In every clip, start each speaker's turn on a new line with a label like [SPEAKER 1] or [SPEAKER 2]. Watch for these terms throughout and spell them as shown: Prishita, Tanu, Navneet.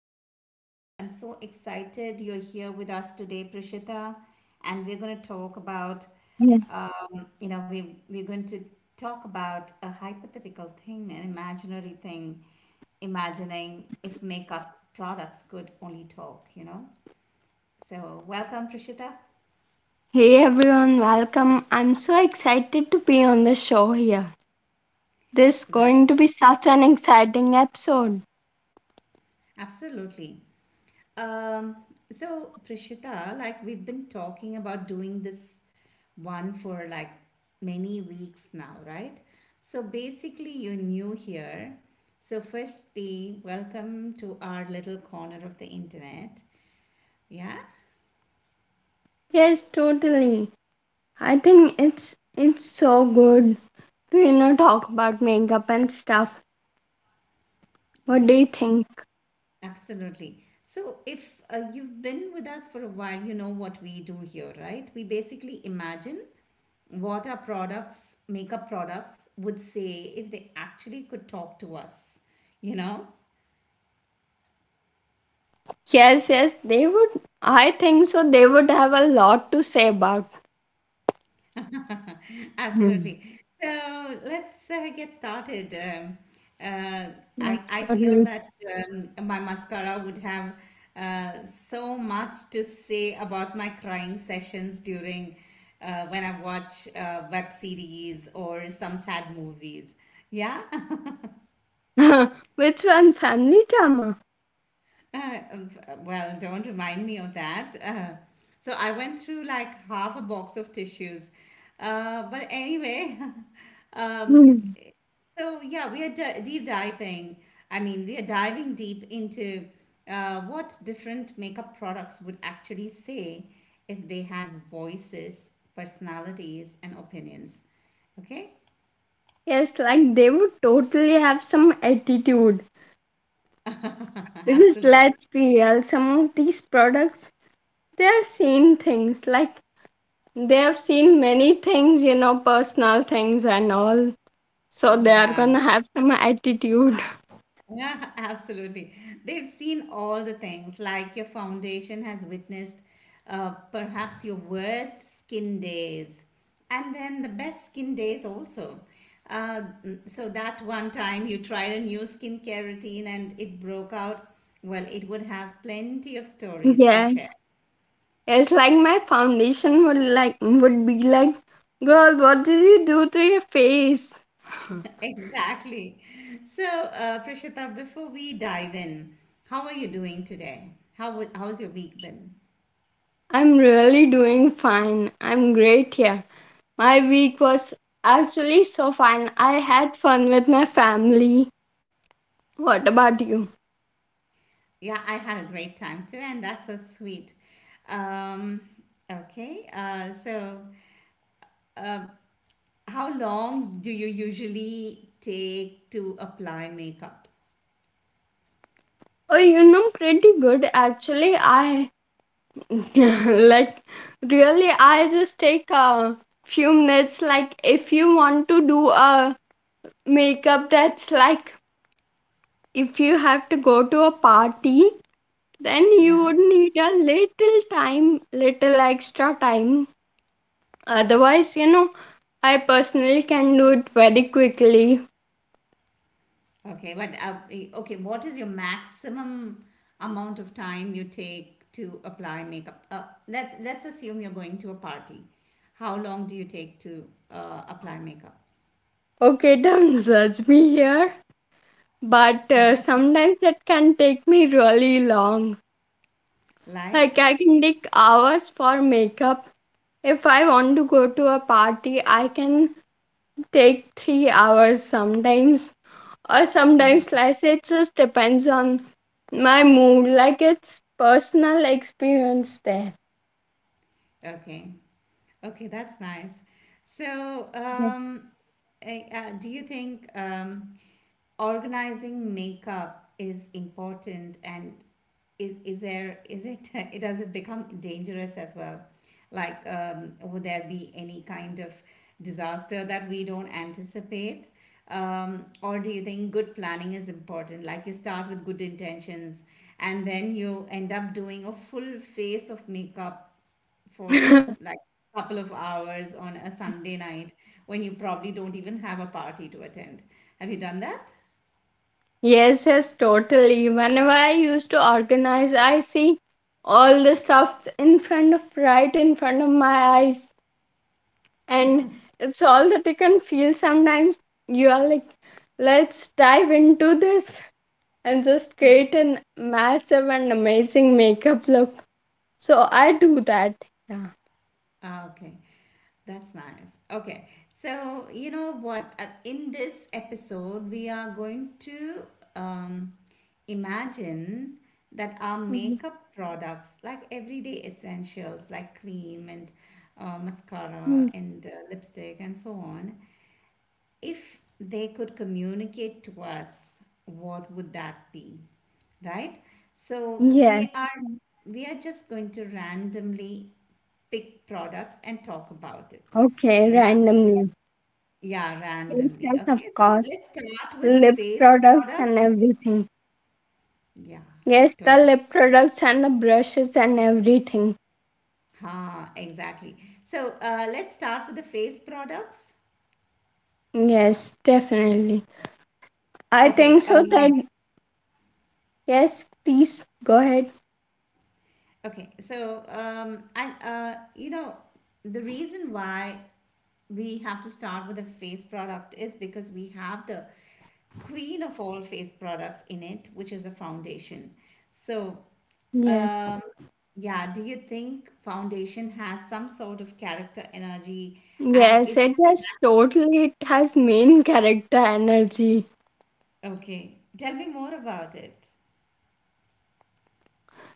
[SPEAKER 1] my podcast. I'm so excited you're here with us today, Prishita, and we're going to talk about,
[SPEAKER 2] Yes.
[SPEAKER 1] we're going to talk about a hypothetical thing, an imaginary thing, imagining if makeup products could only talk. You know, so welcome, Prishita.
[SPEAKER 2] Hey everyone, welcome. I'm so excited to be on the show here. This is going
[SPEAKER 1] Right.
[SPEAKER 2] to be such an exciting episode.
[SPEAKER 1] Absolutely. Um, so, Prishita, like we've been talking about doing this one for like many weeks now, right? So, basically, you're new here. So, firstly, welcome to our little corner of the internet. Yeah?
[SPEAKER 2] Yes, totally. I think it's so good to talk about makeup and stuff. What do you
[SPEAKER 1] Yes.
[SPEAKER 2] think?
[SPEAKER 1] Absolutely. So, if you've been with us for a while, you know what we do here, right? We basically imagine what our products, makeup products, would say if they actually could talk to us, you know?
[SPEAKER 2] Yes, yes, they would. I think so. They would have a lot to say about. Hmm.
[SPEAKER 1] Absolutely. So let's get started. Uh,
[SPEAKER 2] Yes,
[SPEAKER 1] I feel
[SPEAKER 2] totally.
[SPEAKER 1] that my mascara would have so much to say about my crying sessions during when I watch web series or some sad movies. Yeah.
[SPEAKER 2] Which one? Family drama.
[SPEAKER 1] Uh, well, don't remind me of that. So I went through like half a box of tissues. But anyway, um,
[SPEAKER 2] Hmm.
[SPEAKER 1] So yeah, deep diving. I mean, we are diving deep into what different makeup products would actually say if they had voices, personalities, and opinions. Okay?
[SPEAKER 2] Yes, like they would totally have some attitude. Because
[SPEAKER 1] Absolutely.
[SPEAKER 2] let's be real, some of these products, they have seen things, like they have seen many things, you know, personal things and all. So they are
[SPEAKER 1] Yeah.
[SPEAKER 2] gonna have some attitude.
[SPEAKER 1] Yeah, absolutely. They've seen all the things, like your foundation has witnessed perhaps your worst skin days, and then the best skin days also. So that one time you tried a new skincare routine and it broke out, well, it would have plenty of stories to
[SPEAKER 2] Yeah.
[SPEAKER 1] share.
[SPEAKER 2] It's like my foundation would would be like, girl, what did you do to your face?
[SPEAKER 1] Exactly. So, Prashita, before we dive in, how are you doing today? How's your week been?
[SPEAKER 2] I'm really doing fine. I'm great here. My week was actually so fine. I had fun with my family. What about you?
[SPEAKER 1] Yeah, I had a great time too, and that's so sweet. Um, okay, so uh, how long do you usually take to apply makeup?
[SPEAKER 2] Oh, you know, pretty good actually. I like, really, I just take a few minutes. Like, if you want to do a makeup that's like, if you have to go to a party, then you
[SPEAKER 1] Yeah,
[SPEAKER 2] would need a little time, little extra time. Otherwise, you know, I personally can do it very quickly.
[SPEAKER 1] okay, okay, what is your maximum amount of time you take to apply makeup? Let's assume you're going to a party. How long do you take to apply makeup?
[SPEAKER 2] Okay, don't judge me here, but sometimes it can take me really long. Like,
[SPEAKER 1] Like?
[SPEAKER 2] I can take hours for makeup. If I want to go to a party, I can take 3 hours sometimes, or sometimes
[SPEAKER 1] Oh,
[SPEAKER 2] less. It just depends on my mood. Like, it's personal experience there.
[SPEAKER 1] okay. Okay, that's nice. So,
[SPEAKER 2] Yes.
[SPEAKER 1] do you think organizing makeup is important and is it it does it become dangerous as well? Like, would there be any kind of disaster that we don't anticipate? Or do you think good planning is important? Like you start with good intentions and then you end up doing a full face of makeup for like a couple of hours on a Sunday night when you probably don't even have a party to attend. Have you done that?
[SPEAKER 2] Yes, yes, totally. Whenever I used to organize, I see all the stuff in front of, right in front of my eyes, and it's all that you can feel. Sometimes you are like, let's dive into this and just create an massive and amazing makeup look, so I do that, yeah.
[SPEAKER 1] Ah, okay. That's nice. Okay. So, you know what? In this episode, we are going to um, imagine that our makeup products, like everyday essentials like cream and mascara
[SPEAKER 2] Mhm.
[SPEAKER 1] and lipstick and so on, if they could communicate to us, what would that be? Right? So
[SPEAKER 2] Yeah.
[SPEAKER 1] we are just going to randomly pick products and talk about it.
[SPEAKER 2] Okay,
[SPEAKER 1] Yeah.
[SPEAKER 2] randomly.
[SPEAKER 1] Yeah, randomly.
[SPEAKER 2] Yes, of
[SPEAKER 1] Okay, so
[SPEAKER 2] course,
[SPEAKER 1] let's start with the
[SPEAKER 2] lip
[SPEAKER 1] face
[SPEAKER 2] products and
[SPEAKER 1] products.
[SPEAKER 2] everything.
[SPEAKER 1] Yeah,
[SPEAKER 2] Yes, the
[SPEAKER 1] totally.
[SPEAKER 2] lip products and the brushes and everything.
[SPEAKER 1] Ha, exactly. So let's start with the face products.
[SPEAKER 2] Yes, definitely. I
[SPEAKER 1] Okay,
[SPEAKER 2] think so that Yes, please go ahead.
[SPEAKER 1] okay, so and you know the reason why we have to start with a face product is because we have the queen of all face products in it, which is a foundation. So,
[SPEAKER 2] Yes.
[SPEAKER 1] um, yeah, do you think foundation has some sort of character energy? And
[SPEAKER 2] Yes,
[SPEAKER 1] if
[SPEAKER 2] it has totally, it has main character energy.
[SPEAKER 1] okay, tell me more about it.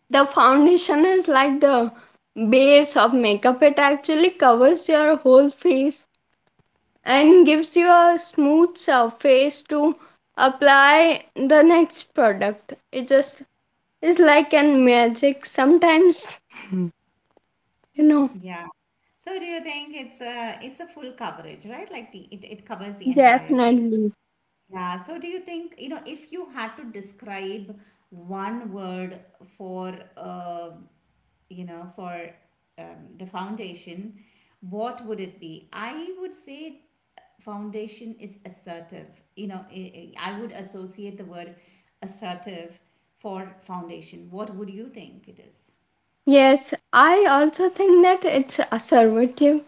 [SPEAKER 2] The foundation is like the base of makeup. It actually covers your whole face and gives you a smooth surface to apply the next product. It just is like an magic. Sometimes, you know,
[SPEAKER 1] Yeah. So, do you think it's a full coverage, right? Like it covers the entire face.
[SPEAKER 2] definitely.
[SPEAKER 1] Yeah, so do you think, you know, if you had to describe one word for, you know, for the foundation, what would it be? I would say foundation is assertive. You know, I would associate the word assertive for foundation. What would you think it is?
[SPEAKER 2] Yes, I also think that it's assertive,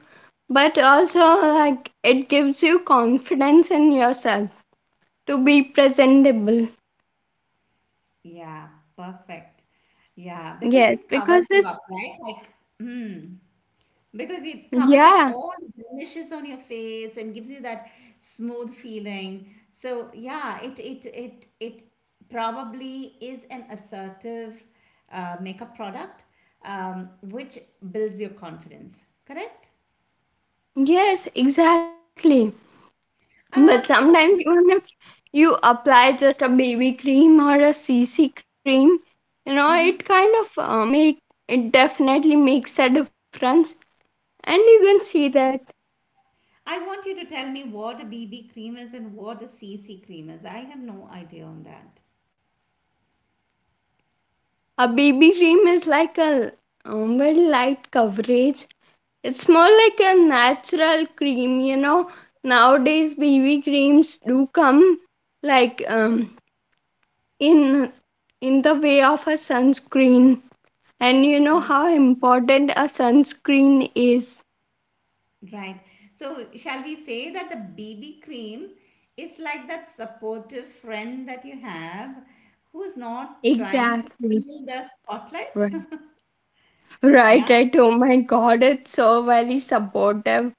[SPEAKER 2] but also like it gives you confidence in yourself to be presentable.
[SPEAKER 1] Yeah, perfect. Yeah, because
[SPEAKER 2] Yes,
[SPEAKER 1] it covers
[SPEAKER 2] because
[SPEAKER 1] you
[SPEAKER 2] it's,
[SPEAKER 1] up, right? Like, mm, because it covers up
[SPEAKER 2] yeah,
[SPEAKER 1] all the blemishes on your face and gives you that smooth feeling. So yeah, it probably is an assertive makeup product which builds your confidence. Correct?
[SPEAKER 2] yes, exactly. But sometimes
[SPEAKER 1] Okay.
[SPEAKER 2] even if you apply just a baby cream or a CC cream, you know, it kind of make, it definitely makes a difference. And you can see that
[SPEAKER 1] I want you to tell me what a BB cream is and what a CC cream is. I have no idea on that.
[SPEAKER 2] a baby cream is like a very light coverage. It's more like a natural cream, you know. Nowadays, baby creams do come like in in the way of a sunscreen, and you know how important a sunscreen is.
[SPEAKER 1] Right. So, shall we say that the BB cream is like that supportive friend that you have who's not trying to
[SPEAKER 2] Exactly.
[SPEAKER 1] steal the spotlight?
[SPEAKER 2] Right. Right,
[SPEAKER 1] Yeah?
[SPEAKER 2] right, oh my god, it's so very supportive.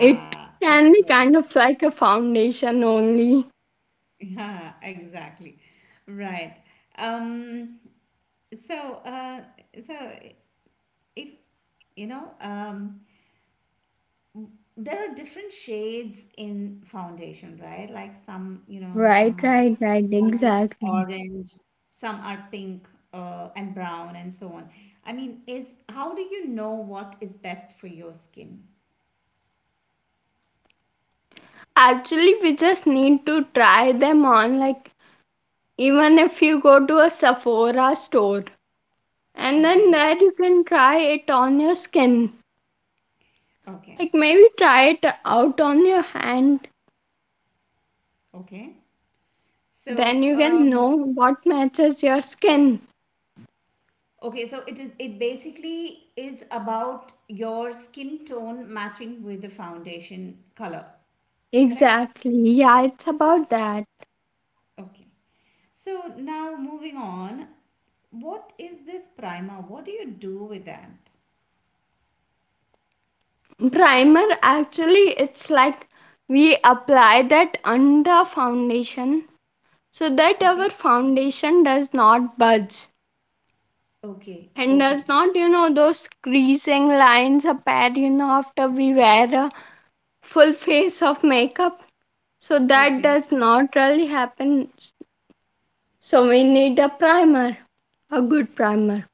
[SPEAKER 2] It can be
[SPEAKER 1] absolutely.
[SPEAKER 2] kind of like a foundation only.
[SPEAKER 1] Yeah, exactly. Right. Um, so, uh, so if you know, there are different shades in foundation, right? Like some, you know,
[SPEAKER 2] Right,
[SPEAKER 1] some are
[SPEAKER 2] right, right.
[SPEAKER 1] slightly
[SPEAKER 2] Exactly.
[SPEAKER 1] orange, some are pink, and brown, and so on. I mean, is how do you know what is best for your skin?
[SPEAKER 2] Actually we just need to try them on. Like, even if you go to a Sephora store, and then
[SPEAKER 1] Okay,
[SPEAKER 2] there you can try it on your skin.
[SPEAKER 1] okay,
[SPEAKER 2] Like, maybe try it out on your hand,
[SPEAKER 1] okay.
[SPEAKER 2] then
[SPEAKER 1] So,
[SPEAKER 2] you can know what matches your skin.
[SPEAKER 1] okay, so it basically is about your skin tone matching with the foundation color, correct?
[SPEAKER 2] Exactly. Yeah, it's about that.
[SPEAKER 1] Okay. So now moving on, what is this primer? What do you do with that?
[SPEAKER 2] Primer, actually it's like, we apply that under foundation so that
[SPEAKER 1] Okay.
[SPEAKER 2] our foundation does not budge,
[SPEAKER 1] Okay.
[SPEAKER 2] and does
[SPEAKER 1] Okay.
[SPEAKER 2] not, you know, those creasing lines appear, you know, after we wear a full face of makeup, so that
[SPEAKER 1] Okay.
[SPEAKER 2] does not really happen. So we need a primer. A good primer.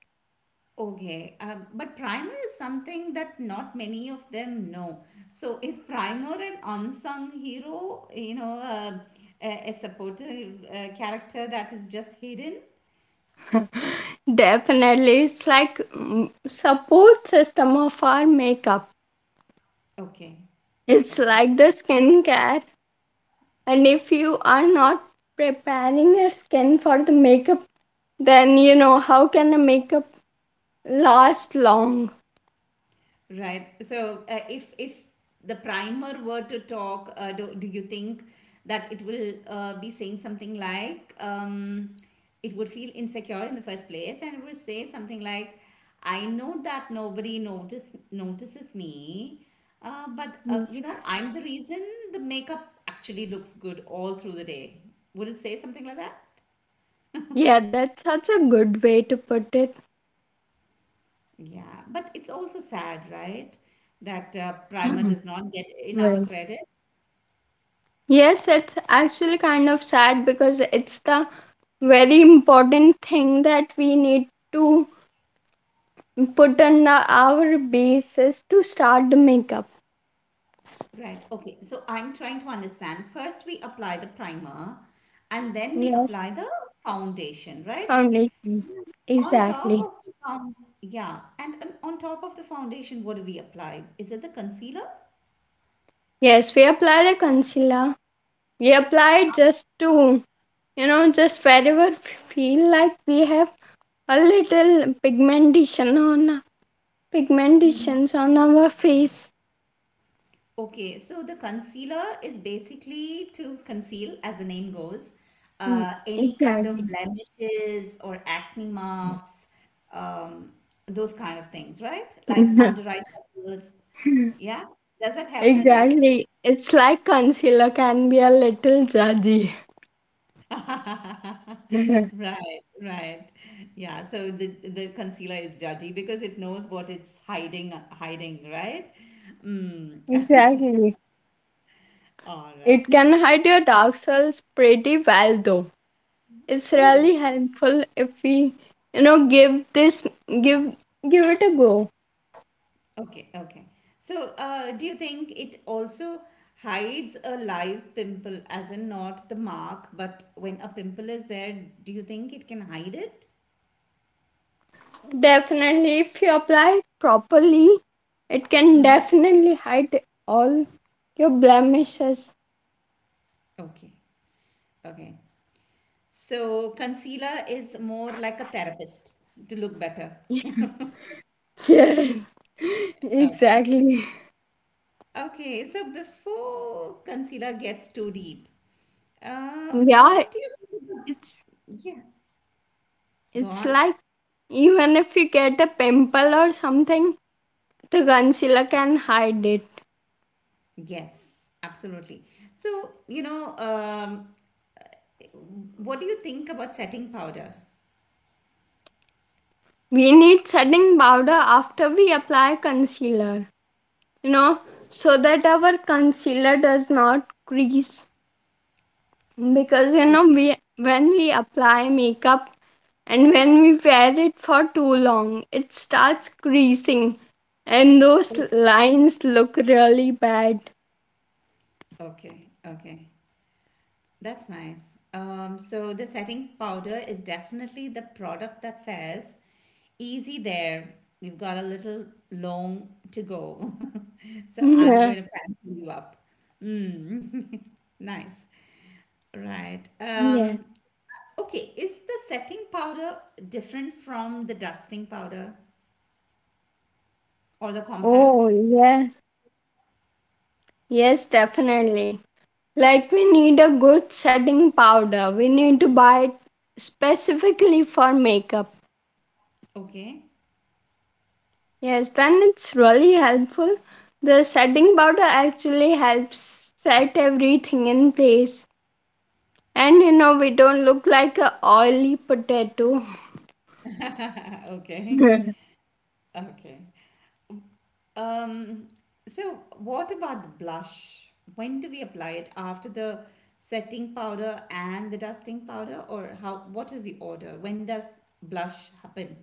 [SPEAKER 1] Okay. But primer is something that not many of them know. So is primer an unsung hero? You know, a supportive character that is just hidden?
[SPEAKER 2] Definitely, it's like, mm, support system of our makeup.
[SPEAKER 1] Okay.
[SPEAKER 2] It's
[SPEAKER 1] Okay.
[SPEAKER 2] like the skincare, and if you are not preparing your skin for the makeup, then you know how can the makeup last long?
[SPEAKER 1] Right. So, if the primer were to talk, do you think that it will be saying something like it would feel insecure in the first place, and it would say something like, "I know that nobody notice notices me, but
[SPEAKER 2] Mm.
[SPEAKER 1] you know I'm the reason the makeup actually looks good all through the day." Would it say something like that?
[SPEAKER 2] Yeah, that's such a good way to put it.
[SPEAKER 1] Yeah, but it's also sad, right? That primer
[SPEAKER 2] mm,
[SPEAKER 1] does not get enough
[SPEAKER 2] Well,
[SPEAKER 1] credit.
[SPEAKER 2] yes, it's actually kind of sad because it's the very important thing that we need to put on the our basis to start the makeup.
[SPEAKER 1] Right. Okay. So I'm trying to understand. First, we apply the primer and then we
[SPEAKER 2] Yes,
[SPEAKER 1] apply the foundation, right?
[SPEAKER 2] foundation.
[SPEAKER 1] And On top
[SPEAKER 2] Exactly.
[SPEAKER 1] of the found, yeah. And on top of the foundation, what do we apply? Is it the concealer?
[SPEAKER 2] Yes, we apply the concealer. We apply it just to, you know, just wherever we feel like we have a little pigmentation on
[SPEAKER 1] Mm-hmm.
[SPEAKER 2] pigmentations on our face.
[SPEAKER 1] Okay, so the concealer is basically to conceal, as the name goes,
[SPEAKER 2] Mm.
[SPEAKER 1] any kind of
[SPEAKER 2] Exactly.
[SPEAKER 1] blemishes or acne marks, um, those kind of things, right? Like under eye circles. Yeah, does that help with that?
[SPEAKER 2] Exactly. It's like concealer can be a little judgy.
[SPEAKER 1] Right, right. Yeah, so the concealer is judgy because it knows what it's hiding, right? Mm.
[SPEAKER 2] Exactly.
[SPEAKER 1] All right.
[SPEAKER 2] It can hide your dark cells pretty well though. It's really
[SPEAKER 1] Oh,
[SPEAKER 2] helpful if we, you know, give this give give it a go.
[SPEAKER 1] okay, okay. So, do you think it also hides a live pimple, as in not the mark, but when a pimple is there, do you think it can hide it?
[SPEAKER 2] Definitely if you apply it properly, it can
[SPEAKER 1] Mm-hmm.
[SPEAKER 2] definitely hide all your blemishes.
[SPEAKER 1] Okay, okay. So, concealer is more like a therapist to look better.
[SPEAKER 2] Yes.
[SPEAKER 1] Oh.
[SPEAKER 2] Exactly.
[SPEAKER 1] Okay, so before concealer gets too deep,
[SPEAKER 2] Yeah,
[SPEAKER 1] what do you think?
[SPEAKER 2] it's
[SPEAKER 1] Yeah, go
[SPEAKER 2] it's
[SPEAKER 1] on.
[SPEAKER 2] like even if you get a pimple or something, the concealer can hide it.
[SPEAKER 1] Yes, absolutely. So, you know, what do you think about setting powder?
[SPEAKER 2] We need setting powder after we apply concealer, you know, so that our concealer does not crease, because, you know,
[SPEAKER 1] Okay.
[SPEAKER 2] we, when we apply makeup and when we wear it for too long, it starts creasing, and those
[SPEAKER 1] Oh,
[SPEAKER 2] lines look really bad.
[SPEAKER 1] okay, okay. That's nice. So the setting powder is definitely the product that says, easy there, you've got a little long to go. So I'm
[SPEAKER 2] Yeah.
[SPEAKER 1] going to pamper you up. Mm. Nice. Right.
[SPEAKER 2] Yeah.
[SPEAKER 1] Okay. Is the setting powder different from the dusting powder or the
[SPEAKER 2] Oh
[SPEAKER 1] compact?
[SPEAKER 2] yeah, yes definitely. Like, we need a good setting powder, we need to buy it specifically for makeup.
[SPEAKER 1] Okay.
[SPEAKER 2] Yes, then it's really helpful. The setting powder actually helps set everything in place. And you know, we don't look like a oily potato.
[SPEAKER 1] Okay. Okay. Um, so, what about blush? When do we apply it? After the setting powder and the dusting powder, or how? What is the order? When does blush happen?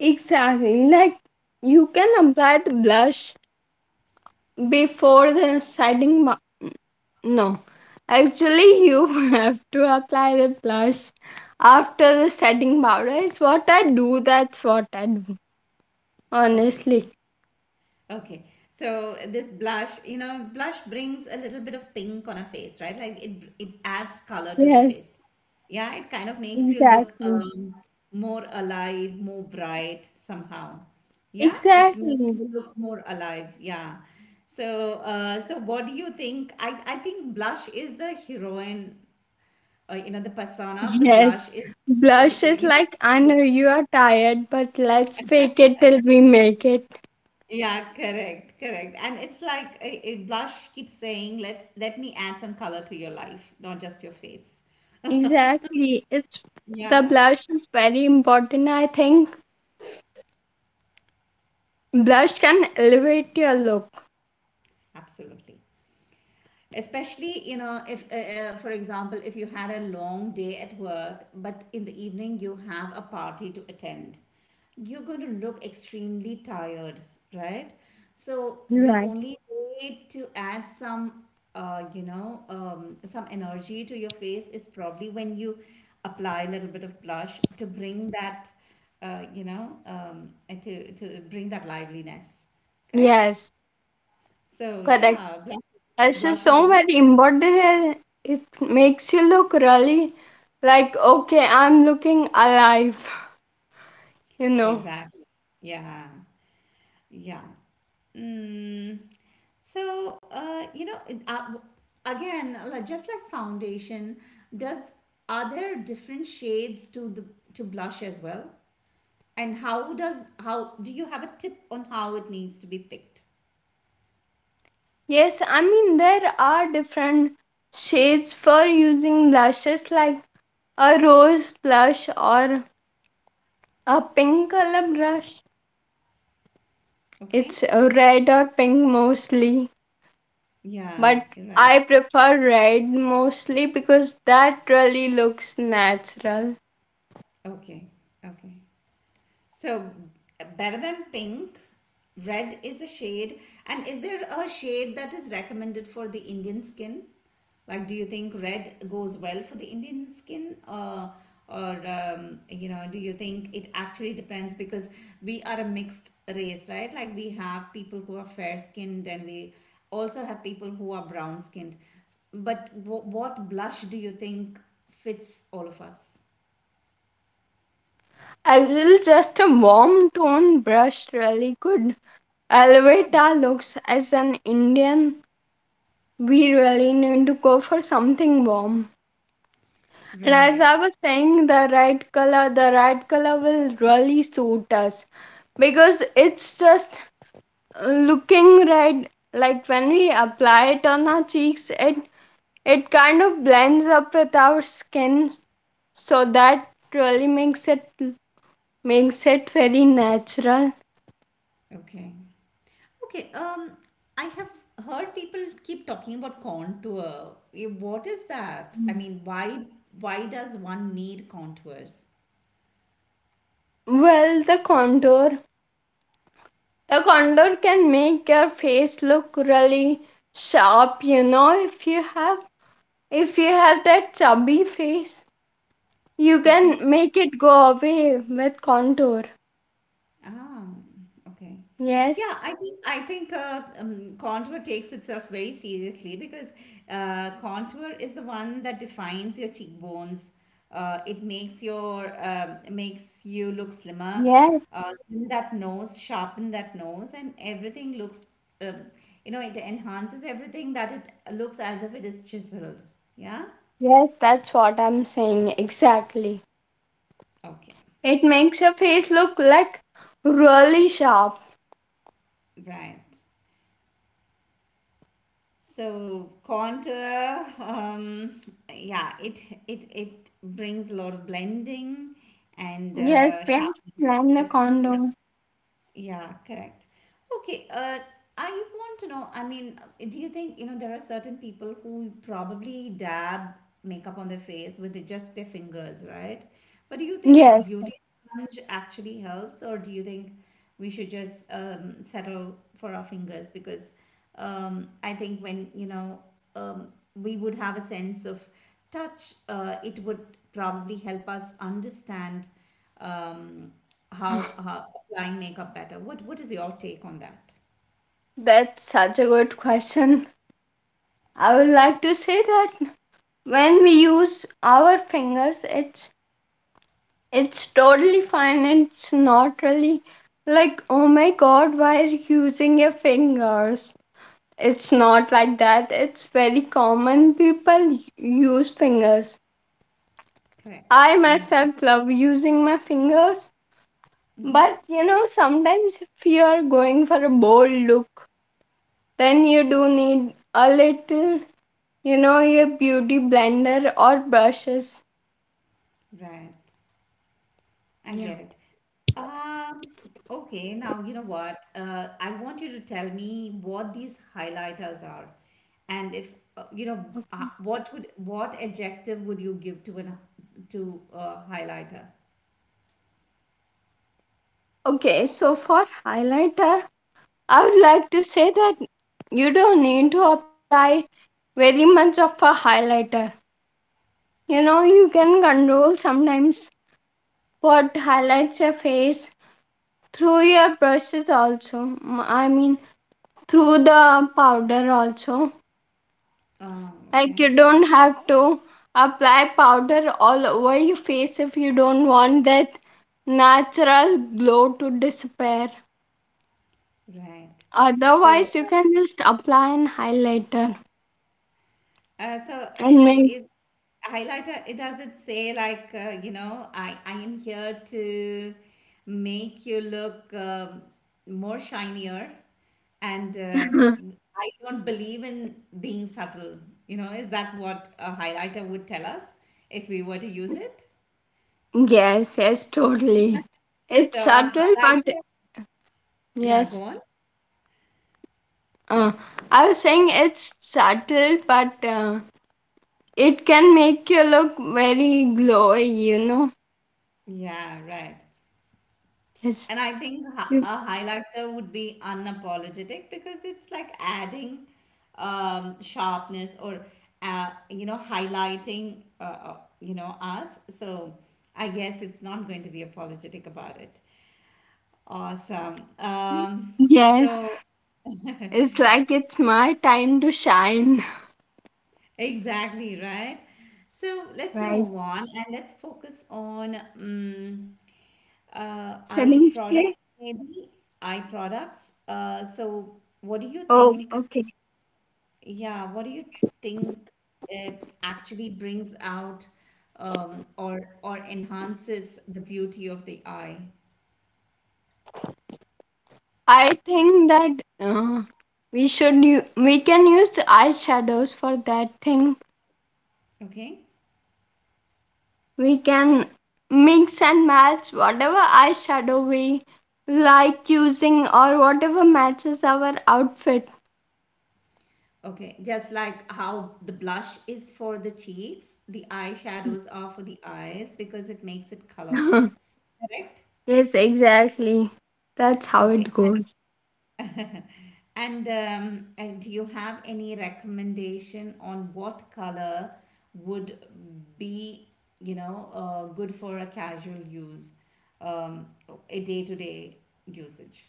[SPEAKER 2] Exactly. Like, you can apply the blush before the setting. No, actually, you have to apply the blush after the setting powder. Is what I do. That's what I do.
[SPEAKER 1] Okay.
[SPEAKER 2] Honestly.
[SPEAKER 1] Okay. So this blush, you know, blush brings a little bit of pink on a face, right? Like it adds color to the
[SPEAKER 2] Yes,
[SPEAKER 1] face. Yeah, it kind of makes you look
[SPEAKER 2] exactly.
[SPEAKER 1] more alive, more bright somehow. Yeah, it makes
[SPEAKER 2] Exactly.
[SPEAKER 1] you look more alive. Yeah. So so what do you think? I think blush is the heroine, you know, the persona of the
[SPEAKER 2] Yes,
[SPEAKER 1] blush is, he-
[SPEAKER 2] blush is
[SPEAKER 1] you know,
[SPEAKER 2] like, I know you are tired, but let's fake it till we make it.
[SPEAKER 1] yeah, correct, correct. And it's like a blush keeps saying, "Let's let me add some color to your life, not just your face."
[SPEAKER 2] Exactly. It's, the
[SPEAKER 1] Yeah,
[SPEAKER 2] blush is very important, I think. Blush can elevate your look.
[SPEAKER 1] absolutely. Especially, you know, if, for example, if you had a long day at work, but in the evening you have a party to attend, you're going to look extremely tired, right? So the
[SPEAKER 2] Right.
[SPEAKER 1] only way to add some, you know, some energy to your face is probably when you apply a little bit of blush to bring that, you know, to bring that liveliness, correct?
[SPEAKER 2] Yes,
[SPEAKER 1] So
[SPEAKER 2] correct.
[SPEAKER 1] yeah, blush,
[SPEAKER 2] Blush is
[SPEAKER 1] blush is
[SPEAKER 2] so
[SPEAKER 1] also.
[SPEAKER 2] very important. And it makes you look really like, okay, I'm looking alive, you know.
[SPEAKER 1] Exactly. Yeah. Yeah. Mm. So, you know, again, like just like foundation, does are there different shades to the to blush as well? And how does how do you have a tip on how it needs to be picked?
[SPEAKER 2] Yes, I mean, there are different shades for using blushes, like a rose blush or a pink color brush. It's
[SPEAKER 1] Okay.
[SPEAKER 2] a red or pink mostly,
[SPEAKER 1] Yeah.
[SPEAKER 2] but
[SPEAKER 1] You're right.
[SPEAKER 2] I prefer red mostly because that really looks natural.
[SPEAKER 1] Okay. Okay. So better than pink, red is a shade. And is there a shade that is recommended for the Indian skin? Like, do you think red goes well for the Indian skin, or you know, do you think it actually depends because we are a mixed race, right? Like we have people who are fair skinned, and we also have people who are brown skinned. But what blush do you think fits all of us?
[SPEAKER 2] A little, just a warm tone brush really could
[SPEAKER 1] Ah,
[SPEAKER 2] elevate our looks as an Indian. We really need to go for something warm. And as
[SPEAKER 1] right.
[SPEAKER 2] I was saying, the red color will really suit us, because it's just looking red, like when we apply it on our cheeks, it kind of blends up with our skin, so that really makes it very natural.
[SPEAKER 1] Okay. Okay, um, I have heard people keep talking about contour. What is that? I mean, why does one need contours?
[SPEAKER 2] Well, the contour, the contour can make your face look really sharp, you know. If you have, if you have that chubby face, you can
[SPEAKER 1] Okay.
[SPEAKER 2] make it go away with contour.
[SPEAKER 1] Ah, okay.
[SPEAKER 2] Yes,
[SPEAKER 1] Yeah, I think contour takes itself very seriously because contour is the one that defines your cheekbones. It makes your makes you look slimmer,
[SPEAKER 2] yes,
[SPEAKER 1] slim that nose, sharpen that nose, and everything looks. Um, it enhances everything that it looks as if it is chiseled. Yeah.
[SPEAKER 2] yes, that's what I'm saying, exactly.
[SPEAKER 1] Okay.
[SPEAKER 2] It makes your face look like really sharp.
[SPEAKER 1] Right. So contour, yeah, it brings a lot of blending and
[SPEAKER 2] Yes, Priyanka, plan a
[SPEAKER 1] sharpness.
[SPEAKER 2] condom.
[SPEAKER 1] Yeah, correct. Okay, uh, I want to know, I mean, do you think, you know, there are certain people who probably dab makeup on their face with just their fingers, right? But do you think a
[SPEAKER 2] Yes,
[SPEAKER 1] beauty sponge actually helps, or do you think we should just settle for our fingers? Because I think when, you know, um, we would have a sense of touch, it would probably help us understand um, how applying makeup better. What is your take on that?
[SPEAKER 2] that's such a good question. I would like to say that when we use our fingers, it's totally fine. It's not really like, oh my god, why are you using your fingers? It's not like that. It's very common. People use fingers.
[SPEAKER 1] Correct.
[SPEAKER 2] I
[SPEAKER 1] Yeah.
[SPEAKER 2] myself love using my fingers.
[SPEAKER 1] Mm-hmm.
[SPEAKER 2] But you know, sometimes if you are going for a bold look, then you do need a little, you know, your beauty blender or brushes.
[SPEAKER 1] Right. I
[SPEAKER 2] Yeah.
[SPEAKER 1] get it. Um, okay, now you know what? I want you to tell me what these highlighters are, and if you know, what would what adjective would you give to an to a highlighter?
[SPEAKER 2] Okay, so for highlighter, I would like to say that you don't need to apply very much of a highlighter. You know, you can control sometimes what highlights your face through your brushes also. I mean, through the powder also. Like, you
[SPEAKER 1] Okay,
[SPEAKER 2] don't have to apply powder all over your face if you don't want that natural glow to disappear.
[SPEAKER 1] right. So
[SPEAKER 2] Otherwise, you can just apply an highlighter
[SPEAKER 1] so
[SPEAKER 2] and make.
[SPEAKER 1] is highlighter, it does it say like, I am here to make you look more shinier and I don't believe in being subtle. You know, is that what a highlighter would tell us if we were to use it?
[SPEAKER 2] Yes, yes, totally. It's
[SPEAKER 1] So a
[SPEAKER 2] subtle, but
[SPEAKER 1] highlighter, yeah,
[SPEAKER 2] yes.
[SPEAKER 1] go on.
[SPEAKER 2] Uh, I was saying it's subtle, but it can make you look very glowy. You know.
[SPEAKER 1] Yeah, right.
[SPEAKER 2] Yes.
[SPEAKER 1] And I think a highlighter would be unapologetic because it's like adding sharpness or highlighting us. So I guess it's not going to be apologetic about it. Awesome.
[SPEAKER 2] Yes.
[SPEAKER 1] So
[SPEAKER 2] It's like, it's my time to shine.
[SPEAKER 1] Exactly, right? So let's
[SPEAKER 2] Right.
[SPEAKER 1] move on and let's focus on eye
[SPEAKER 2] Selling
[SPEAKER 1] products,
[SPEAKER 2] play?
[SPEAKER 1] maybe eye products. So what do you
[SPEAKER 2] Oh,
[SPEAKER 1] think?
[SPEAKER 2] okay.
[SPEAKER 1] Yeah, what do you think uh, actually brings out or enhances the beauty of the eye?
[SPEAKER 2] I think that uh, we can use eyeshadows for that thing.
[SPEAKER 1] Okay.
[SPEAKER 2] We can mix and match whatever eyeshadow we like using or whatever matches our outfit.
[SPEAKER 1] Okay, just like how the blush is for the cheeks, the eyeshadows are for the eyes because it makes it colorful.
[SPEAKER 2] Yes,
[SPEAKER 1] Correct?
[SPEAKER 2] exactly. That's how
[SPEAKER 1] Okay.
[SPEAKER 2] it goes.
[SPEAKER 1] And, and do you have any recommendation on what color would be, you know, good for a casual use, um, a day-to-day usage?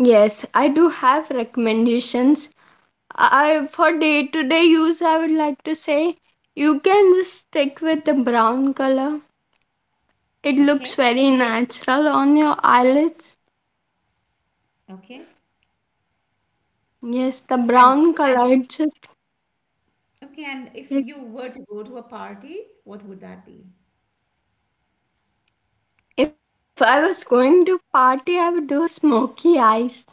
[SPEAKER 2] Yes, I do have recommendations. I, for day to day use, I would like to say you can just stick with the brown color. It looks
[SPEAKER 1] Okay?
[SPEAKER 2] very natural on your eyelids.
[SPEAKER 1] Okay.
[SPEAKER 2] Yes, the
[SPEAKER 1] And,
[SPEAKER 2] brown
[SPEAKER 1] and
[SPEAKER 2] color, it's just
[SPEAKER 1] okay, and if you
[SPEAKER 2] it.
[SPEAKER 1] were to go to a party, what would that be?
[SPEAKER 2] If I was going to party, I would do a smoky eyes.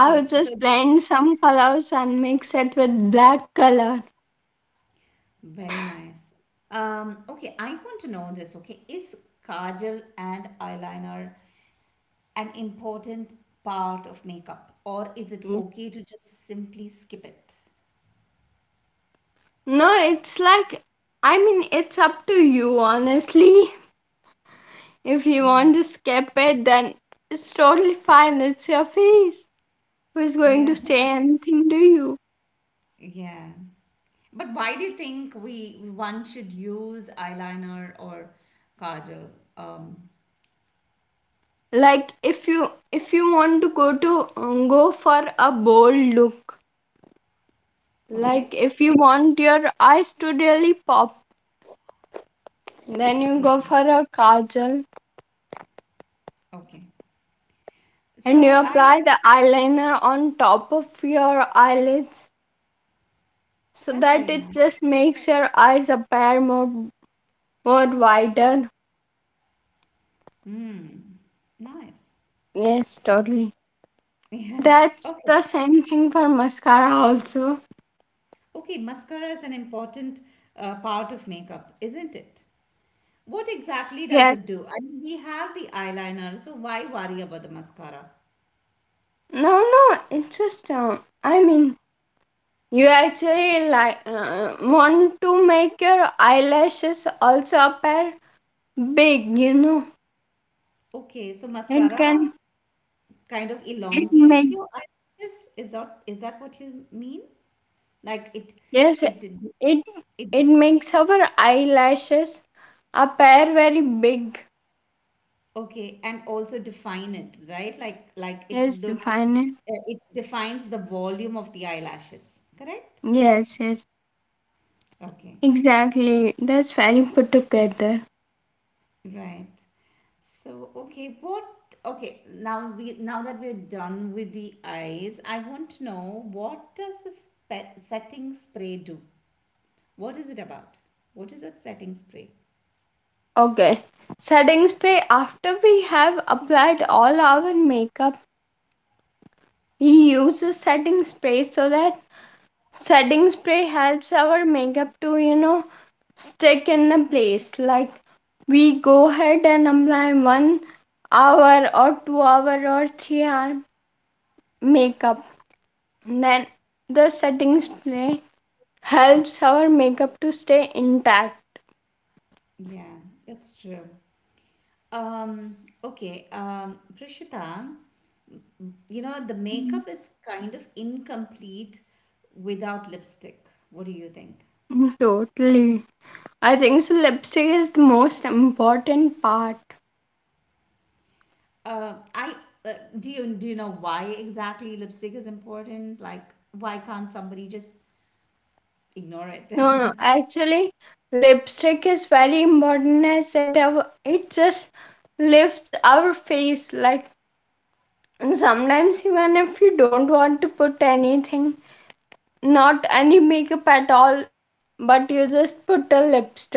[SPEAKER 2] I would
[SPEAKER 1] so that
[SPEAKER 2] just blend some colors and mix it with black color.
[SPEAKER 1] very nice. Okay, I want to know this. Okay, is kajal and eyeliner an important part of makeup, or is
[SPEAKER 2] Mm.
[SPEAKER 1] it okay to just simply skip it?
[SPEAKER 2] No, it's like, I mean, it's up to you, honestly. If you
[SPEAKER 1] Yeah,
[SPEAKER 2] want to skip it, then it's totally fine. It's your face. Who's going
[SPEAKER 1] yeah,
[SPEAKER 2] to say anything to you?
[SPEAKER 1] yeah. But why do you think we one should use eyeliner or kajal? Um,
[SPEAKER 2] Like, if you want to go for a bold look, like
[SPEAKER 1] okay,
[SPEAKER 2] if you want your eyes to really pop, then you go
[SPEAKER 1] okay,
[SPEAKER 2] for a kajal,
[SPEAKER 1] okay.
[SPEAKER 2] and you
[SPEAKER 1] So I
[SPEAKER 2] apply the eyeliner on top of your eyelids, so
[SPEAKER 1] that's
[SPEAKER 2] that
[SPEAKER 1] very
[SPEAKER 2] it
[SPEAKER 1] nice.
[SPEAKER 2] just makes your eyes appear more wider.
[SPEAKER 1] Hmm, nice.
[SPEAKER 2] Yes, totally.
[SPEAKER 1] Yeah.
[SPEAKER 2] That's
[SPEAKER 1] Okay.
[SPEAKER 2] the same thing for mascara also.
[SPEAKER 1] Okay, mascara is an important part of makeup, isn't it? What exactly does
[SPEAKER 2] Yes.
[SPEAKER 1] it do? I mean, we have the eyeliner, so why worry about the mascara?
[SPEAKER 2] no no It's just, i mean you actually like, want to make your eyelashes also appear big, you know.
[SPEAKER 1] Okay, so
[SPEAKER 2] And
[SPEAKER 1] mascara
[SPEAKER 2] can
[SPEAKER 1] kind of
[SPEAKER 2] it
[SPEAKER 1] elongates
[SPEAKER 2] make
[SPEAKER 1] your eyelashes. Is that what you mean? Like it,
[SPEAKER 2] Yes,
[SPEAKER 1] it,
[SPEAKER 2] it
[SPEAKER 1] it.
[SPEAKER 2] it makes our eyelashes appear very big.
[SPEAKER 1] Okay, and also define it, right? Like it
[SPEAKER 2] Yes,
[SPEAKER 1] looks,
[SPEAKER 2] defined.
[SPEAKER 1] uh, it defines the volume of the eyelashes. Correct?
[SPEAKER 2] Yes, yes,
[SPEAKER 1] Okay.
[SPEAKER 2] exactly. That's very put together.
[SPEAKER 1] Right. So, okay, what, okay, now we now that we're done with the eyes, I want to know what does a setting spray do? What is it about? What is a setting spray?
[SPEAKER 2] Okay. Setting spray. After we have applied all our makeup, we use a setting spray so that setting spray helps our makeup to, you know, stick in the place. Like, we go ahead and apply 1 hour or 2 hour or 3 hour makeup, then the setting spray helps our makeup to stay intact.
[SPEAKER 1] Yeah, that's true. Um, okay, Prishita, you know, the makeup is kind of incomplete without lipstick. What do you think?
[SPEAKER 2] Totally, I think so, lipstick is the most important part.
[SPEAKER 1] I uh, do you know why exactly lipstick is important? Like, why can't somebody just ignore it?
[SPEAKER 2] No no Actually, lipstick is very important as it it just lifts our face. Like, and sometimes, even if you don't want to put anything, not any makeup at all, but you just put a lipstick,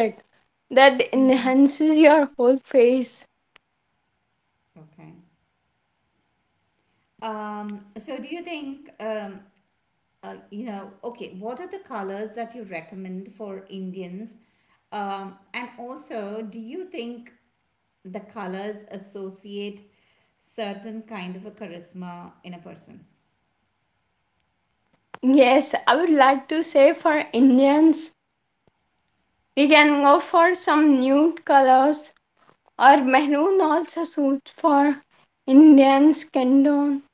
[SPEAKER 2] that
[SPEAKER 1] Mm.
[SPEAKER 2] enhances your whole face.
[SPEAKER 1] Okay. So do you think, you know, okay, what are the colors that you recommend for Indians? And also, do you think the colors associate certain kind of a charisma in a person?
[SPEAKER 2] Yes, I would like to say for Indians, we can go for some nude colors or maroon also suits for Indian skin tone.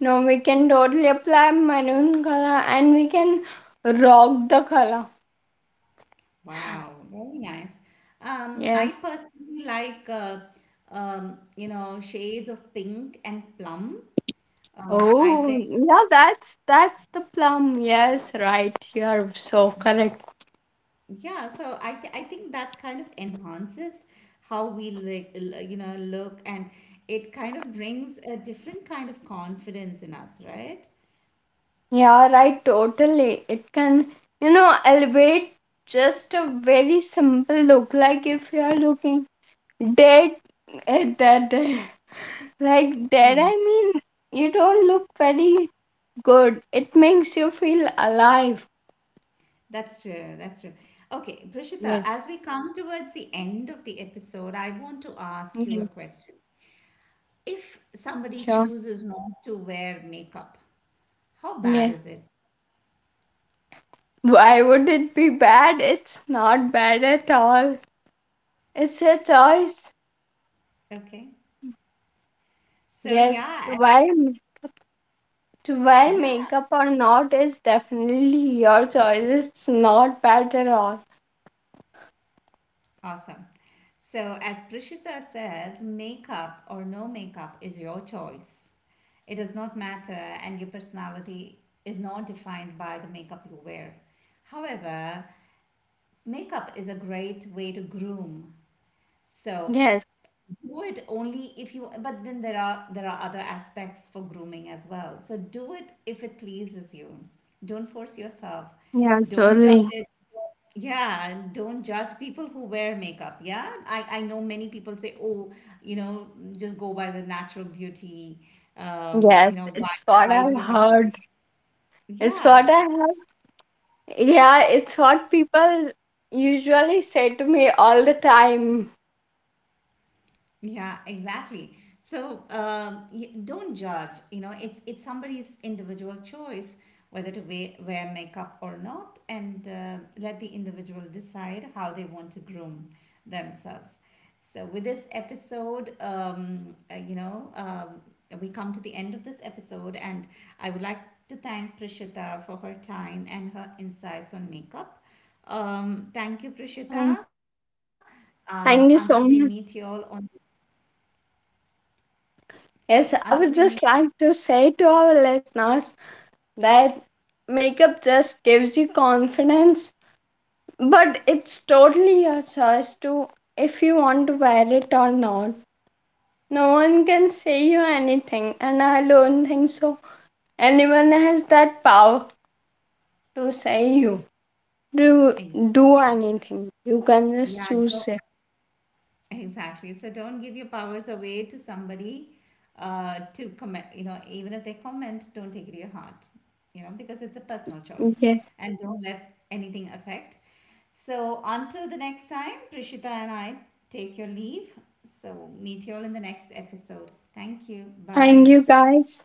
[SPEAKER 2] No, we can totally apply maroon color and we can rock the color.
[SPEAKER 1] Wow, very nice.
[SPEAKER 2] Yes.
[SPEAKER 1] I personally like you know shades of pink and plum. I
[SPEAKER 2] Oh,
[SPEAKER 1] think
[SPEAKER 2] yeah, that's the plum. Yes, right. You're so correct.
[SPEAKER 1] yeah, so I think that kind of enhances how we like you know look and it kind of brings a different kind of confidence in us, right?
[SPEAKER 2] Yeah, right, totally. It can, you know, elevate just a very simple look. Like if you're looking dead, dead. Like dead,
[SPEAKER 1] Yeah.
[SPEAKER 2] I mean, you don't look very good. It makes you feel alive.
[SPEAKER 1] That's true. That's true. Okay, Prishita,
[SPEAKER 2] Yes,
[SPEAKER 1] as we come towards the end of the episode, I want to ask you a
[SPEAKER 2] yes,
[SPEAKER 1] question. If somebody
[SPEAKER 2] sure.
[SPEAKER 1] chooses not to wear makeup, how bad
[SPEAKER 2] Yes.
[SPEAKER 1] is it?
[SPEAKER 2] Why would it be bad? It's not bad at all. It's a choice.
[SPEAKER 1] Okay. So
[SPEAKER 2] Yes,
[SPEAKER 1] yeah,
[SPEAKER 2] to
[SPEAKER 1] as,
[SPEAKER 2] wear to wear
[SPEAKER 1] yeah,
[SPEAKER 2] makeup or not is definitely your choice. It's not bad at all.
[SPEAKER 1] awesome. So as Prishita says, makeup or no makeup is your choice. It does not matter, and your personality is not defined by the makeup you wear. However, makeup is a great way to groom. So
[SPEAKER 2] Yes,
[SPEAKER 1] do it only if you but then there are other aspects for grooming as well, so do it if it pleases you, don't force yourself,
[SPEAKER 2] yeah,
[SPEAKER 1] don't judge
[SPEAKER 2] totally.
[SPEAKER 1] it. Yeah, and don't judge people who wear makeup. Yeah, I know many people say, oh, you know, just go by the natural beauty.
[SPEAKER 2] Yes,
[SPEAKER 1] You know, why
[SPEAKER 2] it's what
[SPEAKER 1] why do
[SPEAKER 2] I've
[SPEAKER 1] you have to do it?
[SPEAKER 2] heard. It's
[SPEAKER 1] Yeah.
[SPEAKER 2] what I have. Yeah, it's what people usually say to me all the time.
[SPEAKER 1] Yeah, exactly. So don't judge. You know, it's somebody's individual choice whether to wear makeup or not, and let the individual decide how they want to groom themselves. So with this episode, we come to the end of this episode, and I would like to thank Prishita for her time and her insights on makeup. Thank you,
[SPEAKER 2] And
[SPEAKER 1] Prishita. Until we
[SPEAKER 2] thank
[SPEAKER 1] meet
[SPEAKER 2] you
[SPEAKER 1] you
[SPEAKER 2] so
[SPEAKER 1] all
[SPEAKER 2] much.
[SPEAKER 1] on
[SPEAKER 2] Yes,
[SPEAKER 1] until
[SPEAKER 2] I
[SPEAKER 1] we
[SPEAKER 2] would
[SPEAKER 1] meet
[SPEAKER 2] just like to say to our listeners that makeup just gives you confidence. But it's totally your choice to, if you want to wear it or not. No one can say you anything, and I don't think so. Anyone has that power to say you do
[SPEAKER 1] Exactly.
[SPEAKER 2] do anything. You can just
[SPEAKER 1] Yeah, don't,
[SPEAKER 2] choose it.
[SPEAKER 1] exactly. So don't give your powers away to somebody to comment, you know, even if they comment, don't take it to your heart, you know, because it's a personal choice
[SPEAKER 2] Okay.
[SPEAKER 1] and don't let anything affect. So until the next time, Prishita and I take your leave. So meet you all in the next episode. Thank you.
[SPEAKER 2] Thank
[SPEAKER 1] Bye.
[SPEAKER 2] you guys.